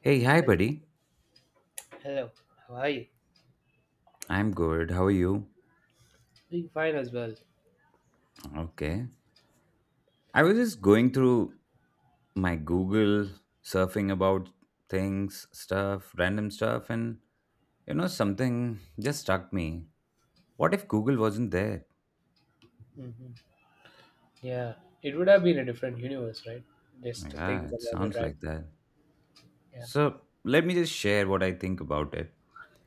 Hey, hi, Hel- buddy. Hello, how are you? I'm good. How are you? Doing fine as well. Okay. I was just going through my Google, surfing about things, stuff, random stuff, and something just struck me. What if Google wasn't there? hmm Yeah, it would have been a different universe, right? Just to think Yeah, it about it, sounds right? like that. Yeah. So, let me just share what I think about it.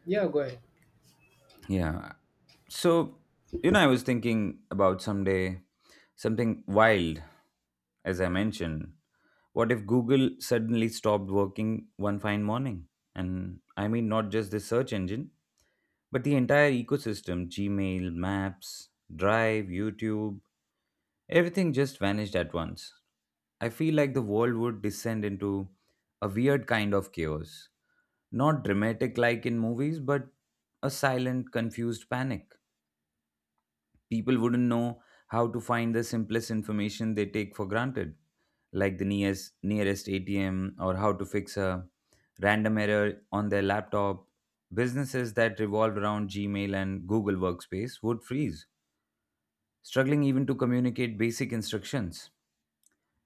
Yeah, go ahead. Yeah. So, I was thinking about someday something wild, as I mentioned. What if Google suddenly stopped working one fine morning? And I mean, not just the search engine, but the entire ecosystem Gmail, Maps, Drive, YouTube, everything just vanished at once. I feel like the world would descend into a weird kind of chaos. Not dramatic like in movies, but a silent, confused panic. People wouldn't know how to find the simplest information they take for granted, like the nearest ATM or how to fix a random error on their laptop. Businesses that revolved around Gmail and Google Workspace would freeze, struggling even to communicate basic instructions.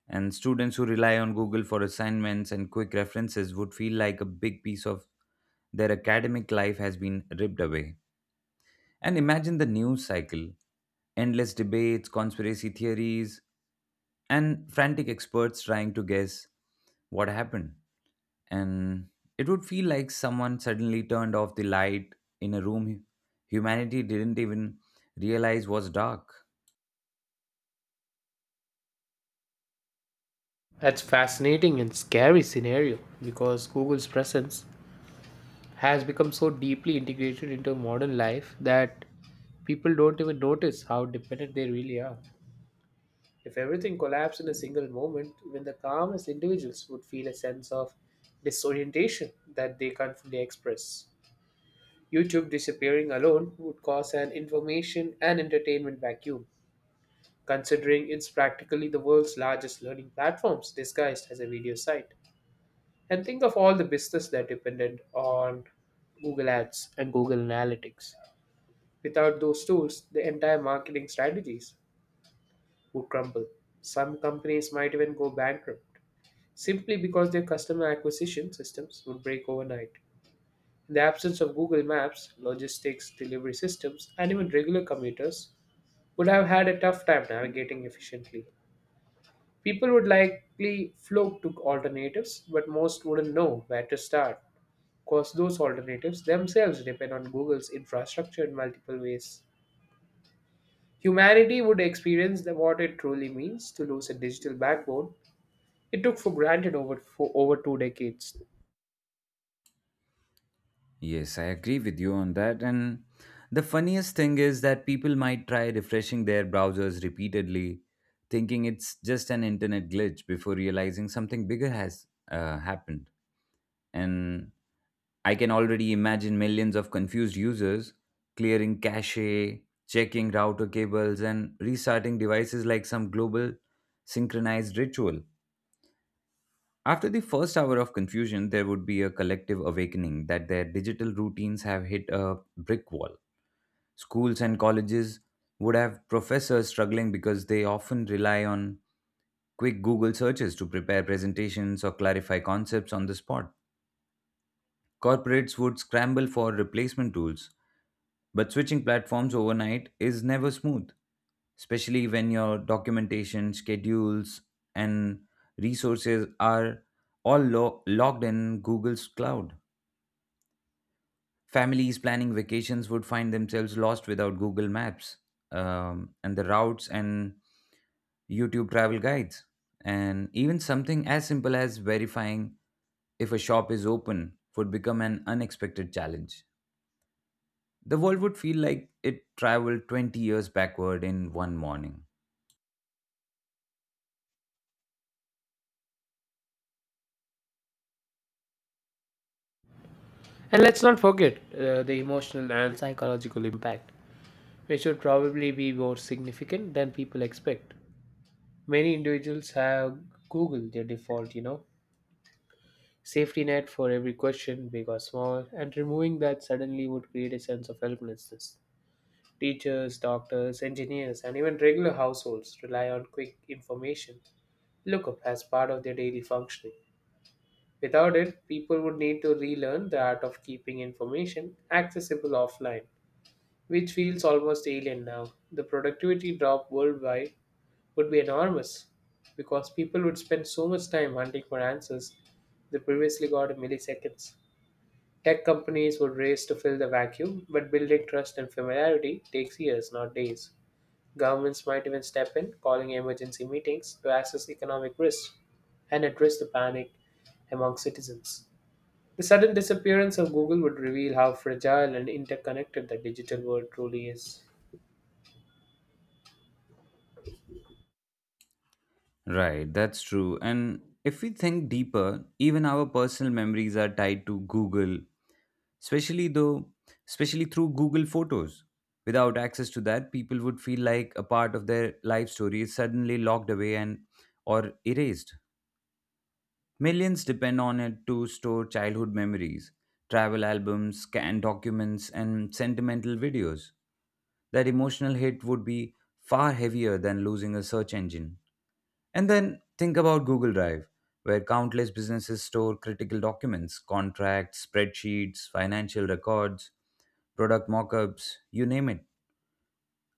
And students who rely on Google for assignments and quick references would feel like a big piece of their academic life has been ripped away. And imagine the news cycle endless debates, conspiracy theories, and frantic experts trying to guess what happened. And it would feel like someone suddenly turned off the light in a room humanity didn't even realize was dark. That's fascinating and scary scenario because Google's presence has become so deeply integrated into modern life that people don't even notice how dependent they really are. If everything collapsed in a single moment, even the calmest individuals would feel a sense of disorientation that they can't fully express. YouTube disappearing alone would cause an information and entertainment vacuum, considering it's practically the world's largest learning platforms disguised as a video site. And think of all the business that depended on Google Ads and Google Analytics. Without those tools, the entire marketing strategies would crumble. Some companies might even go bankrupt simply because their customer acquisition systems would break overnight. In the absence of Google Maps, logistics, delivery systems, and even regular commuters would have had a tough time navigating efficiently. People would likely flock to alternatives, but most wouldn't know where to start, because those alternatives themselves depend on Google's infrastructure in multiple ways. Humanity would experience what it truly means to lose a digital backbone it took for granted for over two decades. Yes, I agree with you on that. And the funniest thing is that people might try refreshing their browsers repeatedly, thinking it's just an internet glitch before realizing something bigger has happened. And I can already imagine millions of confused users clearing cache, checking router cables, and restarting devices like some global synchronized ritual. After the first hour of confusion, there would be a collective awakening that their digital routines have hit a brick wall. Schools and colleges would have professors struggling because they often rely on quick Google searches to prepare presentations or clarify concepts on the spot. Corporates would scramble for replacement tools. But switching platforms overnight is never smooth, especially when your documentation, schedules, and resources are all logged in Google's cloud. Families planning vacations would find themselves lost without Google Maps, and the routes and YouTube travel guides. And even something as simple as verifying if a shop is open would become an unexpected challenge. The world would feel like it traveled 20 years backward in one morning. And let's not forget the emotional and psychological impact, which would probably be more significant than people expect. Many individuals have Google their default, you know, safety net for every question, big or small, and removing that suddenly would create a sense of helplessness. Teachers, doctors, engineers, and even regular households rely on quick information lookup as part of their daily functioning. Without it, people would need to relearn the art of keeping information accessible offline, which feels almost alien now. The productivity drop worldwide would be enormous because people would spend so much time hunting for answers they previously got in milliseconds. Tech companies would race to fill the vacuum, but building trust and familiarity takes years, not days. Governments might even step in, calling emergency meetings to assess economic risk and address the panic among citizens. The sudden disappearance of Google would reveal how fragile and interconnected the digital world truly is. Right, that's true. And if we think deeper, even our personal memories are tied to Google, especially though, especially through Google Photos. Without access to that, people would feel like a part of their life story is suddenly locked away and or erased. Millions depend on it to store childhood memories, travel albums, scanned documents, and sentimental videos. That emotional hit would be far heavier than losing a search engine. And then think about Google Drive, where countless businesses store critical documents, contracts, spreadsheets, financial records, product mock-ups, you name it.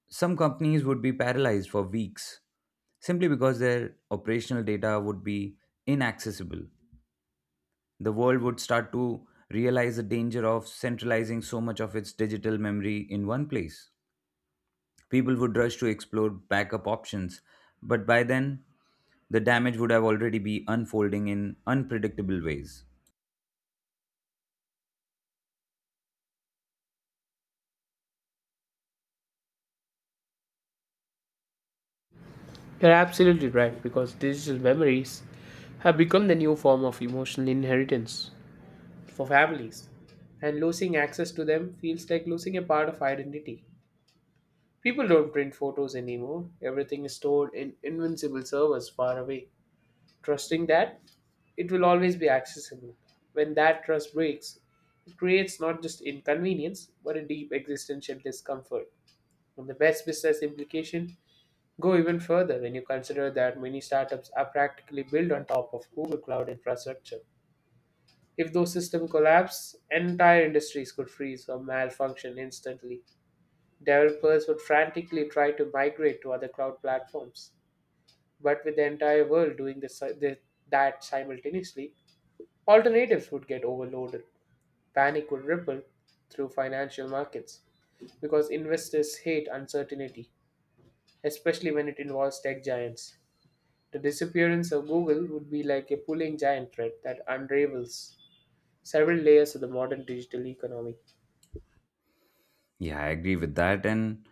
Some companies would be paralyzed for weeks simply because their operational data would be inaccessible. The world would start to realize the danger of centralizing so much of its digital memory in one place. People would rush to explore backup options, but by then, the damage would have already be unfolding in unpredictable ways. You're absolutely right because digital memories have become the new form of emotional inheritance for families, and losing access to them feels like losing a part of identity. People don't print photos anymore, everything is stored in invincible servers far away, trusting that it will always be accessible. When that trust breaks, it creates not just inconvenience but a deep existential discomfort. And the best business implication go even further when you consider that many startups are practically built on top of Google Cloud infrastructure. If those systems collapse, entire industries could freeze or malfunction instantly. Developers would frantically try to migrate to other cloud platforms. But with the entire world doing this that simultaneously, alternatives would get overloaded. Panic would ripple through financial markets because investors hate uncertainty, especially when it involves tech giants. The disappearance of Google would be like a pulling giant thread that unravels several layers of the modern digital economy, Yeah, I agree with that. And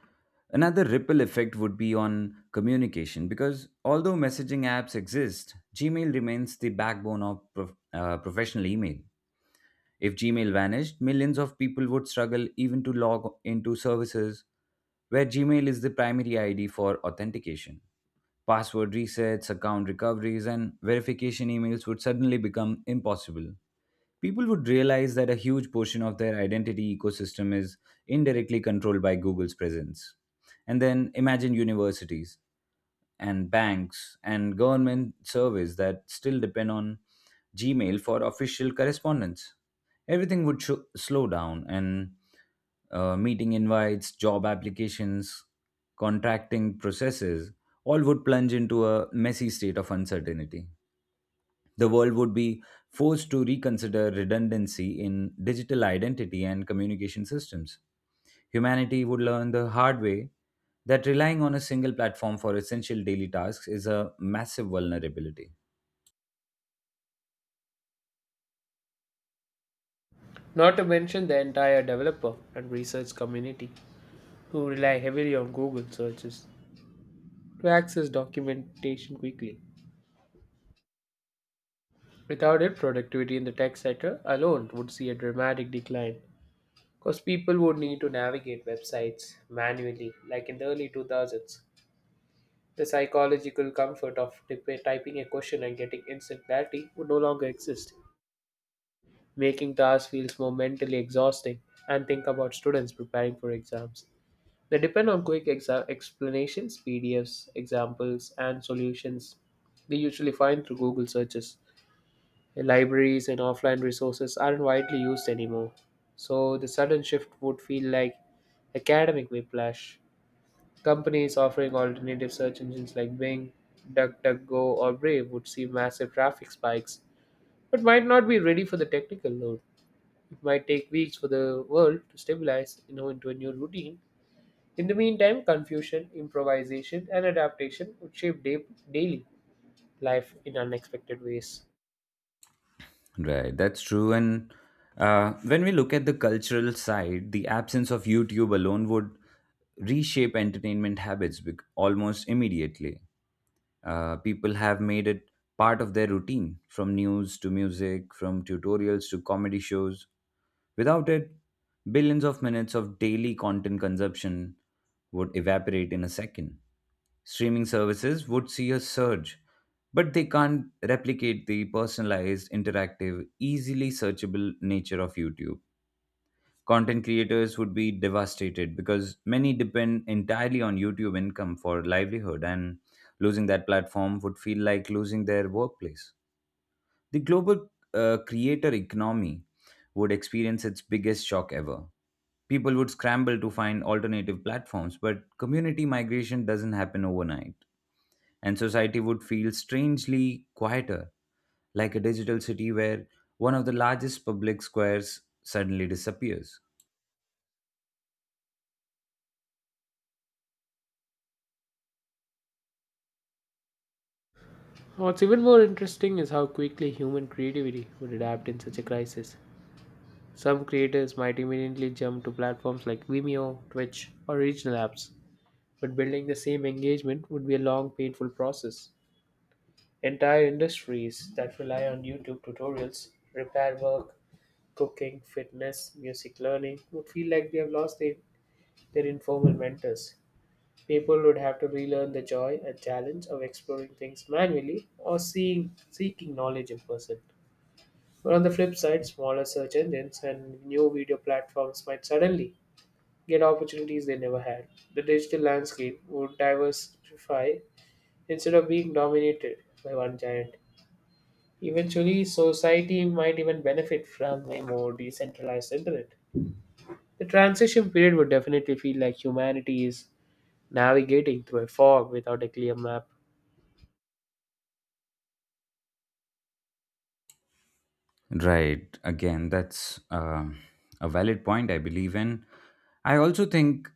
another ripple effect would be on communication because although messaging apps exist, Gmail remains the backbone of professional email. If Gmail vanished, millions of people would struggle even to log into services where Gmail is the primary ID for authentication. Password resets, account recoveries, and verification emails would suddenly become impossible. People would realize that a huge portion of their identity ecosystem is indirectly controlled by Google's presence. And then imagine universities and banks and government surveys that still depend on Gmail for official correspondence. Everything would slow down, and meeting invites, job applications, contracting processes all would plunge into a messy state of uncertainty. The world would be forced to reconsider redundancy in digital identity and communication systems. Humanity would learn the hard way that relying on a single platform for essential daily tasks is a massive vulnerability. not to mention the entire developer and research community who rely heavily on Google searches to access documentation quickly. Without it, productivity in the tech sector alone would see a dramatic decline because people would need to navigate websites manually, like in the early 2000s. The psychological comfort of typing a question and getting instant clarity would no longer exist, making the task feels more mentally exhausting. And think about students preparing for exams. They depend on quick explanations, PDFs, examples, and solutions they usually find through Google searches. Libraries and offline resources aren't widely used anymore, so the sudden shift would feel like academic whiplash. Companies offering alternative search engines like Bing, DuckDuckGo, or Brave would see massive traffic spikes, but might not be ready for the technical load. It might take weeks for the world to stabilize, you know, into a new routine. In the meantime, confusion, improvisation, and adaptation would shape daily life in unexpected ways. Right, that's true. And when we look at the cultural side, the absence of YouTube alone would reshape entertainment habits almost immediately. People have made it part of their routine, from news to music, from tutorials to comedy shows. Without it, billions of minutes of daily content consumption would evaporate in a second. Streaming services would see a surge, but they can't replicate the personalized, interactive, easily searchable nature of YouTube. Content creators would be devastated because many depend entirely on YouTube income for livelihood, and losing that platform would feel like losing their workplace. The global creator economy would experience its biggest shock ever. People would scramble to find alternative platforms, but community migration doesn't happen overnight, and society would feel strangely quieter like a digital city where one of the largest public squares suddenly disappears. What's even more interesting is how quickly human creativity would adapt in such a crisis. Some creators might immediately jump to platforms like Vimeo, Twitch, or regional apps, but building the same engagement would be a long, painful process. Entire industries that rely on YouTube tutorials, repair work, cooking, fitness, music learning would feel like they have lost their informal mentors. People would have to relearn the joy and challenge of exploring things manually or seeking knowledge in person. But on the flip side, smaller search engines and new video platforms might suddenly get opportunities they never had. The digital landscape would diversify instead of being dominated by one giant. Eventually, society might even benefit from a more decentralized internet. The transition period would definitely feel like humanity is navigating through a fog without a clear map, Right. Again, that's a valid point, I believe. In. I also think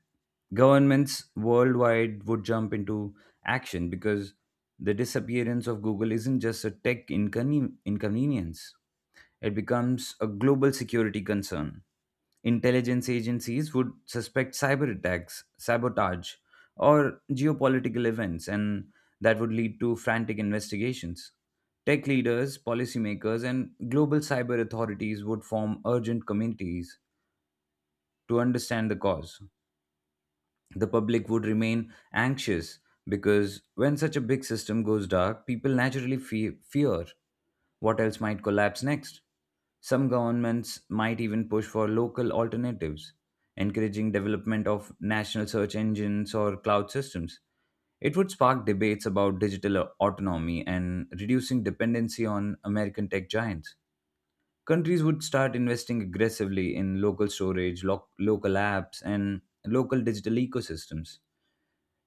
governments worldwide would jump into action because the disappearance of Google isn't just a tech inconvenience. It becomes a global security concern. Intelligence agencies would suspect cyber attacks, sabotage, or geopolitical events, and that would lead to frantic investigations. Tech leaders, policymakers, and global cyber authorities would form urgent committees to understand the cause. The public would remain anxious because when such a big system goes dark, people naturally fear what else might collapse next. Some governments might even push for local alternatives, encouraging development of national search engines or cloud systems. It would spark debates about digital autonomy and reducing dependency on American tech giants. Countries would start investing aggressively in local storage, local apps, and local digital ecosystems.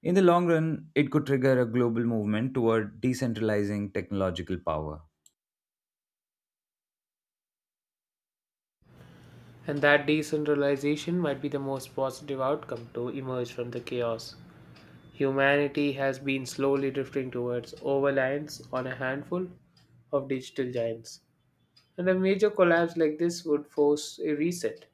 In the long run, it could trigger a global movement toward decentralizing technological power. and that decentralization might be the most positive outcome to emerge from the chaos. Humanity has been slowly drifting towards overlines on a handful of digital giants, and a major collapse like this would force a reset.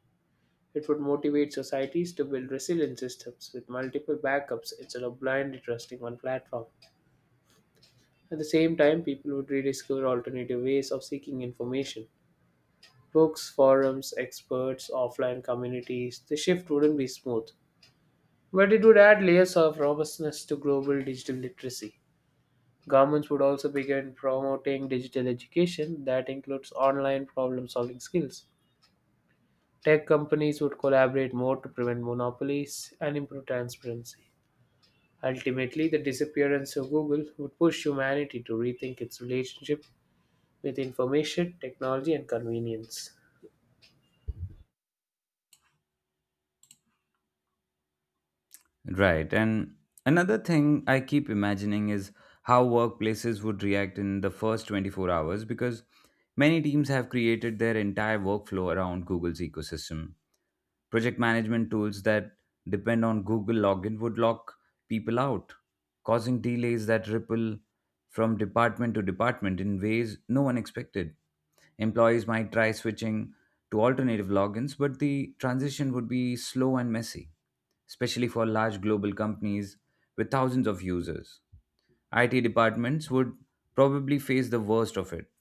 It would motivate societies to build resilient systems with multiple backups instead of blindly trusting one platform. At the same time, people would rediscover alternative ways of seeking information. Books, forums, experts, offline communities. The shift wouldn't be smooth, but it would add layers of robustness to global digital literacy. Governments would also begin promoting digital education that includes online problem solving skills. Tech companies would collaborate more to prevent monopolies and improve transparency. Ultimately, the disappearance of Google would push humanity to rethink its relationship with information, technology, and convenience. Right. And another thing I keep imagining is how workplaces would react in the first 24 hours because many teams have created their entire workflow around Google's ecosystem. Project management tools that depend on Google login would lock people out, causing delays that ripple from department to department in ways no one expected. Employees might try switching to alternative logins, but the transition would be slow and messy, especially for large global companies with thousands of users. IT departments would probably face the worst of it,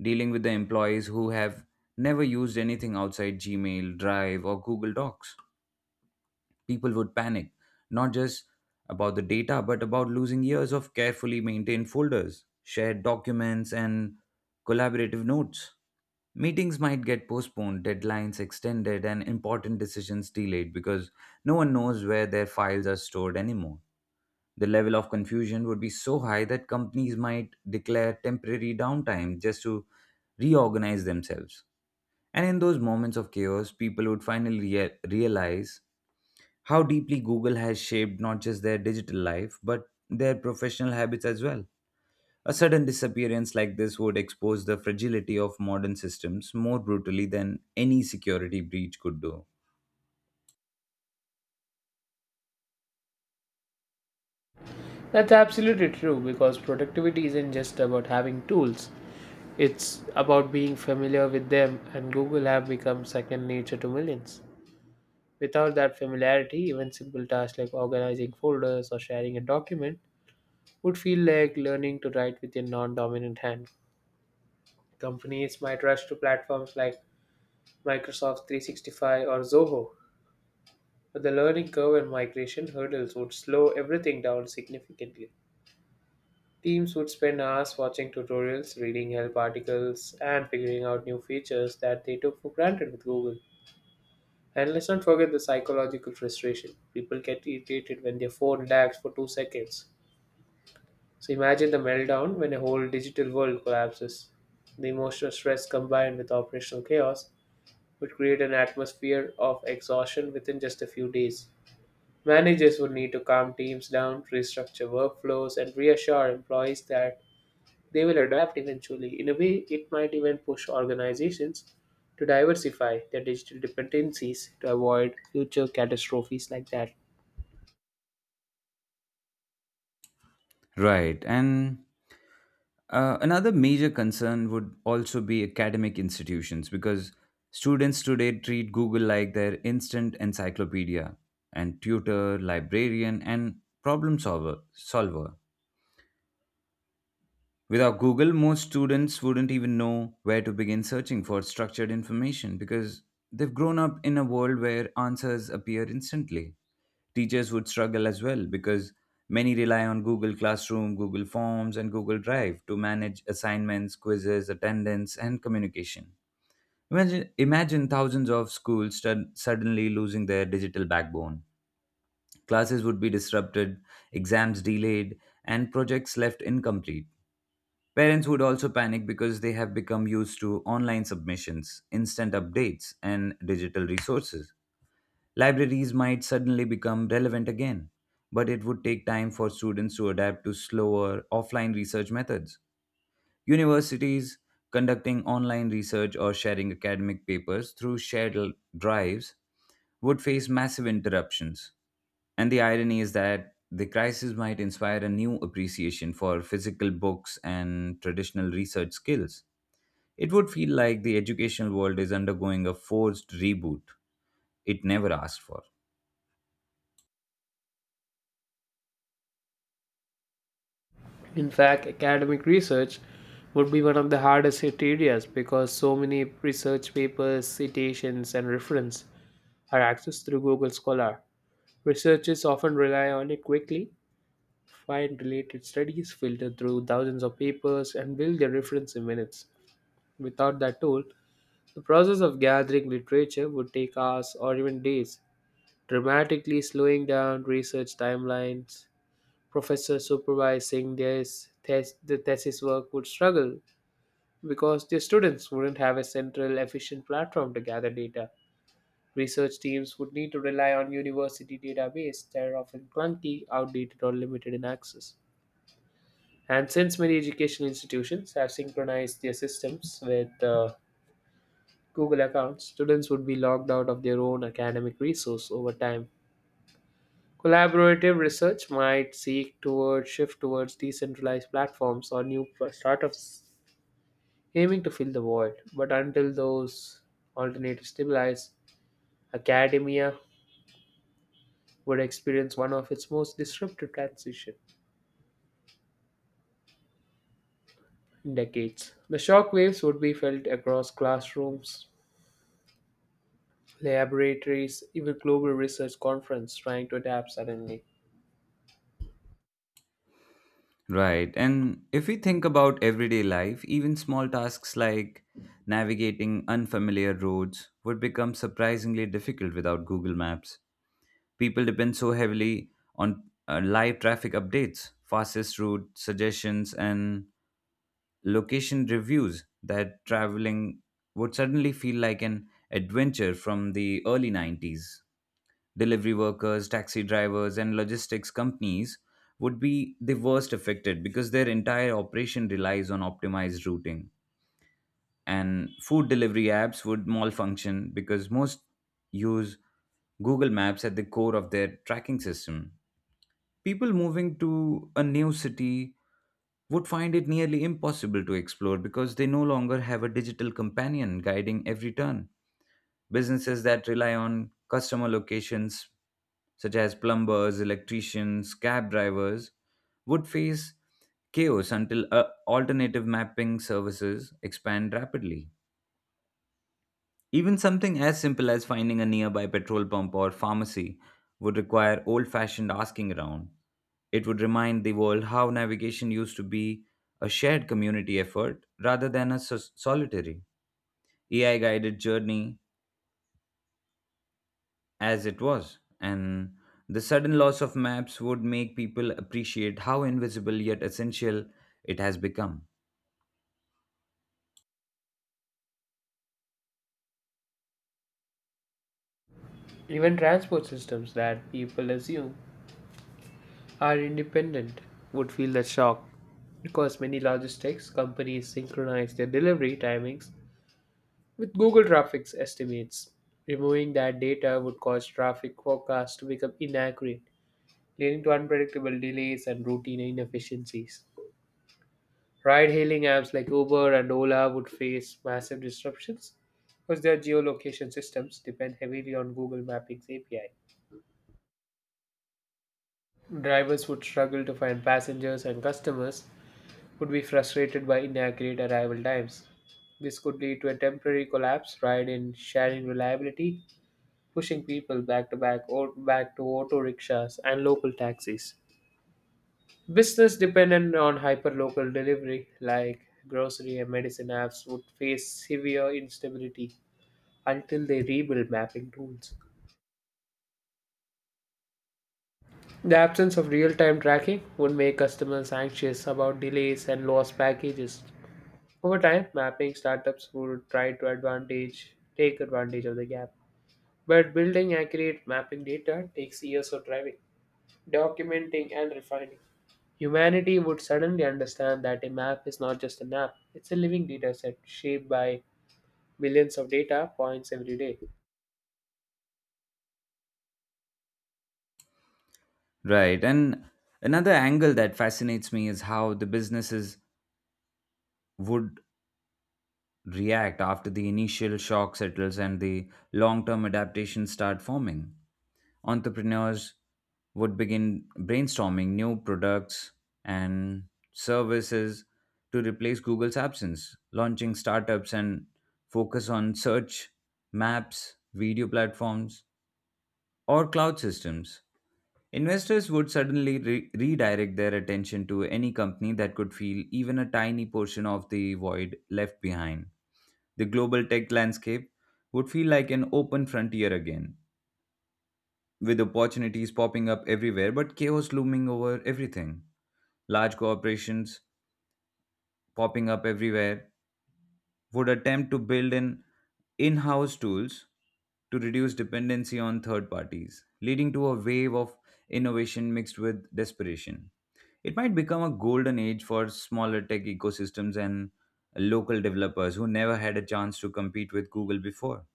dealing with the employees who have never used anything outside Gmail, Drive, or Google Docs. People would panic, not just about the data, but about losing years of carefully maintained folders, shared documents, and collaborative notes. Meetings might get postponed, deadlines extended, and important decisions delayed because no one knows where their files are stored anymore. The level of confusion would be so high that companies might declare temporary downtime just to reorganize themselves. And in those moments of chaos, people would finally realize how deeply Google has shaped not just their digital life, but their professional habits as well. A sudden disappearance like this would expose the fragility of modern systems more brutally than any security breach could do. That's absolutely true because productivity isn't just about having tools, it's about being familiar with them, and Google have become second nature to millions. Without that familiarity, even simple tasks like organizing folders or sharing a document would feel like learning to write with your non dominant hand. Companies might rush to platforms like Microsoft 365 or Zoho, but the learning curve and migration hurdles would slow everything down significantly. Teams would spend hours watching tutorials, reading help articles, and figuring out new features that they took for granted with Google. And let's not forget the psychological frustration. People get irritated when their phone lags for 2 seconds. So imagine the meltdown when a whole digital world collapses. The emotional stress combined with operational chaos would create an atmosphere of exhaustion within just a few days. Managers would need to calm teams down, restructure workflows, and reassure employees that they will adapt eventually. In a way, it might even push organizations to diversify their digital dependencies to avoid future catastrophes like that. Right. And another major concern would also be academic institutions because students today treat Google like their instant encyclopedia and tutor, librarian, and problem solver. solver. Without Google, most students wouldn't even know where to begin searching for structured information because they've grown up in a world where answers appear instantly. Teachers would struggle as well because many rely on Google Classroom, Google Forms, and Google Drive to manage assignments, quizzes, attendance, and communication. Imagine thousands of schools suddenly losing their digital backbone. Classes would be disrupted, exams delayed, and projects left incomplete. Parents would also panic because they have become used to online submissions, instant updates, and digital resources. Libraries might suddenly become relevant again, but it would take time for students to adapt to slower offline research methods. Universities conducting online research or sharing academic papers through shared drives would face massive interruptions. And the irony is that the crisis might inspire a new appreciation for physical books and traditional research skills. It would feel like the educational world is undergoing a forced reboot it never asked for. In fact, academic research would be one of the hardest hit areas because so many research papers, citations, and reference are accessed through Google Scholar. Researchers often rely on it quickly find related studies, filter through thousands of papers, and build their reference in minutes. Without that tool, the process of gathering literature would take hours or even days, dramatically slowing down research timelines. Professors supervising their the thesis work would struggle because their students wouldn't have a central, efficient platform to gather data. Research teams would need to rely on university databases that are often clunky, outdated, or limited in access. And since many educational institutions have synchronized their systems with Google accounts, students would be logged out of their own academic resource over time. Collaborative research might seek towards shift towards decentralized platforms or new startups aiming to fill the void. But until those alternatives stabilize, academia would experience one of its most disruptive transition in decades. The shock waves would be felt across classrooms, laboratories, even global research conference trying to adapt suddenly. Right. And if we think about everyday life, even small tasks like navigating unfamiliar roads would become surprisingly difficult without Google Maps. People depend so heavily on live traffic updates, fastest route suggestions, and location reviews that traveling would suddenly feel like an adventure from the early nineties. Delivery workers, taxi drivers, and logistics companies would be the worst affected because their entire operation relies on optimized routing. And food delivery apps would malfunction because most use Google Maps at the core of their tracking system. People moving to a new city would find it nearly impossible to explore because they no longer have a digital companion guiding every turn. Businesses that rely on customer locations, such as plumbers, electricians, cab drivers, would face chaos until alternative mapping services expand rapidly. Even something as simple as finding a nearby petrol pump or pharmacy would require old fashioned asking around. It would remind the world how navigation used to be a shared community effort rather than a solitary, AI guided journey as it was. And the sudden loss of maps would make people appreciate how invisible yet essential it has become. Even transport systems that people assume are independent would feel that shock because many logistics companies synchronize their delivery timings with Google Traffic's estimates. Removing that data would cause traffic forecasts to become inaccurate, leading to unpredictable delays and routine inefficiencies. Ride hailing apps like Uber and Ola would face massive disruptions because their geolocation systems depend heavily on Google Mapping's API. Drivers would struggle to find passengers, and customers would be frustrated by inaccurate arrival times. This could lead to a temporary collapse right in sharing reliability, pushing people back to back to auto rickshaws and local taxis. Business dependent on hyperlocal delivery, like grocery and medicine apps, would face severe instability until they rebuild mapping tools. The absence of real time tracking would make customers anxious about delays and lost packages. Over time, mapping startups would try to advantage take advantage of the gap. But building accurate mapping data takes years of driving, documenting and refining. Humanity would suddenly understand that a map is not just an app, it's a living dataset shaped by billions of data points every day. Right, and another angle that fascinates me is how the businesses would react after the initial shock settles and the long term adaptations start forming. Entrepreneurs would begin brainstorming new products and services to replace Google's absence, launching startups and focus on search, maps, video platforms, or cloud systems. Investors would suddenly redirect their attention to any company that could fill even a tiny portion of the void left behind. The global tech landscape would feel like an open frontier again, with opportunities popping up everywhere, but chaos looming over everything. Large corporations popping up everywhere would attempt to build in house tools to reduce dependency on third parties, leading to a wave of innovation mixed with desperation. It might become a golden age for smaller tech ecosystems and local developers who never had a chance to compete with Google before.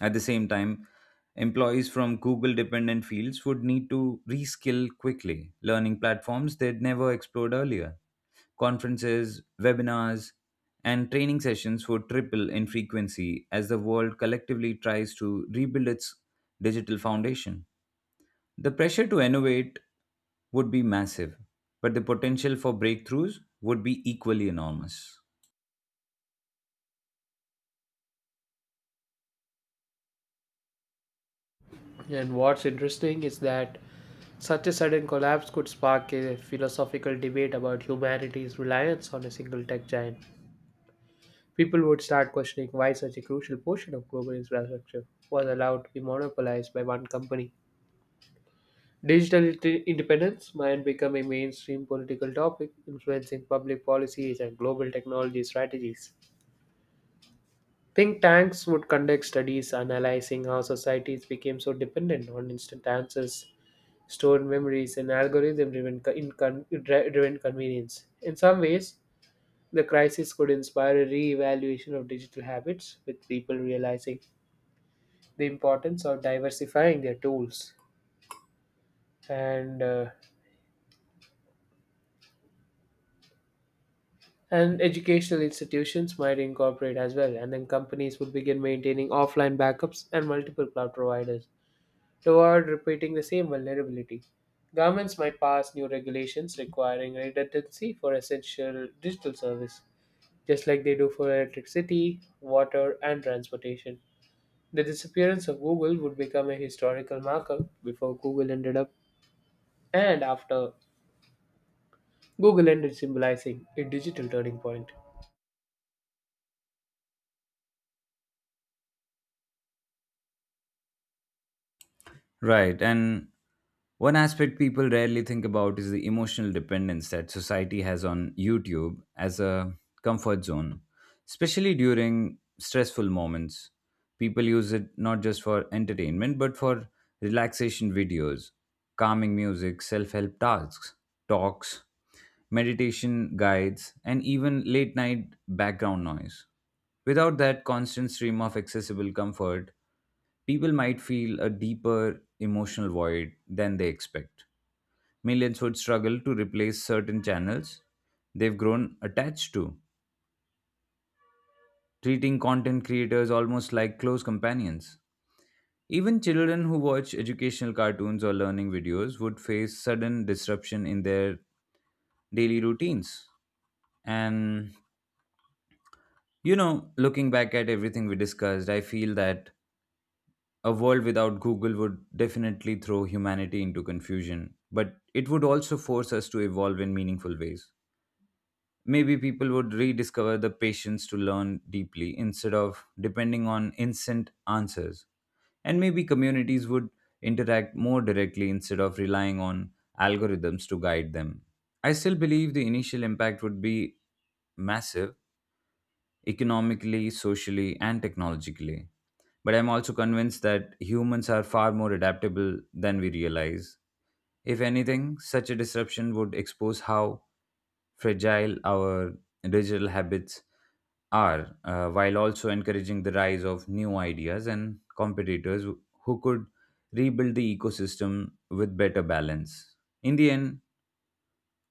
At the same time, employees from Google dependent fields would need to reskill quickly, learning platforms they'd never explored earlier. Conferences, webinars, and training sessions would triple in frequency as the world collectively tries to rebuild its digital foundation. The pressure to innovate would be massive, but the potential for breakthroughs would be equally enormous. And what's interesting is that such a sudden collapse could spark a philosophical debate about humanity's reliance on a single tech giant. People would start questioning why such a crucial portion of global infrastructure was allowed to be monopolized by one company. Digital independence might become a mainstream political topic, influencing public policies and global technology strategies. Think tanks would conduct studies analyzing how societies became so dependent on instant answers, stored memories, and driven convenience. In some ways, the crisis could inspire a re evaluation of digital habits, with people realizing the importance of diversifying their tools. And uh, and educational institutions might incorporate as well, and then companies would begin maintaining offline backups and multiple cloud providers, to avoid repeating the same vulnerability. Governments might pass new regulations requiring redundancy for essential digital service, just like they do for electricity, water, and transportation. The disappearance of Google would become a historical marker before Google ended up and after Google ended symbolizing a digital turning point. Right, and one aspect people rarely think about is the emotional dependence that society has on YouTube as a comfort zone, especially during stressful moments. People use it not just for entertainment but for relaxation videos, calming music, self help tasks, talks, meditation guides, and even late night background noise. Without that constant stream of accessible comfort, people might feel a deeper emotional void than they expect. Millions would struggle to replace certain channels they've grown attached to, treating content creators almost like close companions. Even children who watch educational cartoons or learning videos would face sudden disruption in their daily routines. And, looking back at everything we discussed, I feel that a world without Google would definitely throw humanity into confusion, but it would also force us to evolve in meaningful ways. Maybe people would rediscover the patience to learn deeply instead of depending on instant answers. And maybe communities would interact more directly instead of relying on algorithms to guide them. I still believe the initial impact would be massive, economically, socially, and technologically. But I'm also convinced that humans are far more adaptable than we realize. If anything, such a disruption would expose how fragile our digital habits are, while also encouraging the rise of new ideas and competitors who could rebuild the ecosystem with better balance. In the end,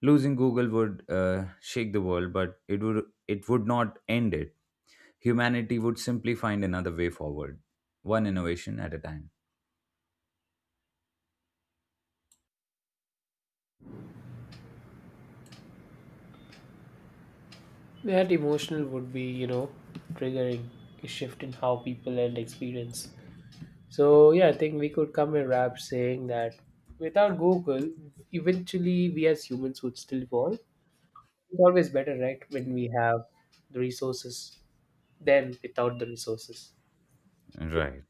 losing Google would shake the world, but it would not end it. Humanity would simply find another way forward, one innovation at a time. That emotional would be, you know, triggering a shift in how people end experience. So yeah, I think we could come and wrap saying that without Google, eventually we as humans would still evolve. It's always better, right, when we have the resources than without the resources. Right.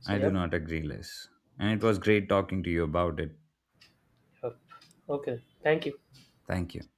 So I do yep, not agree less. And it was great talking to you about it. yep. Okay. Thank you. Thank you.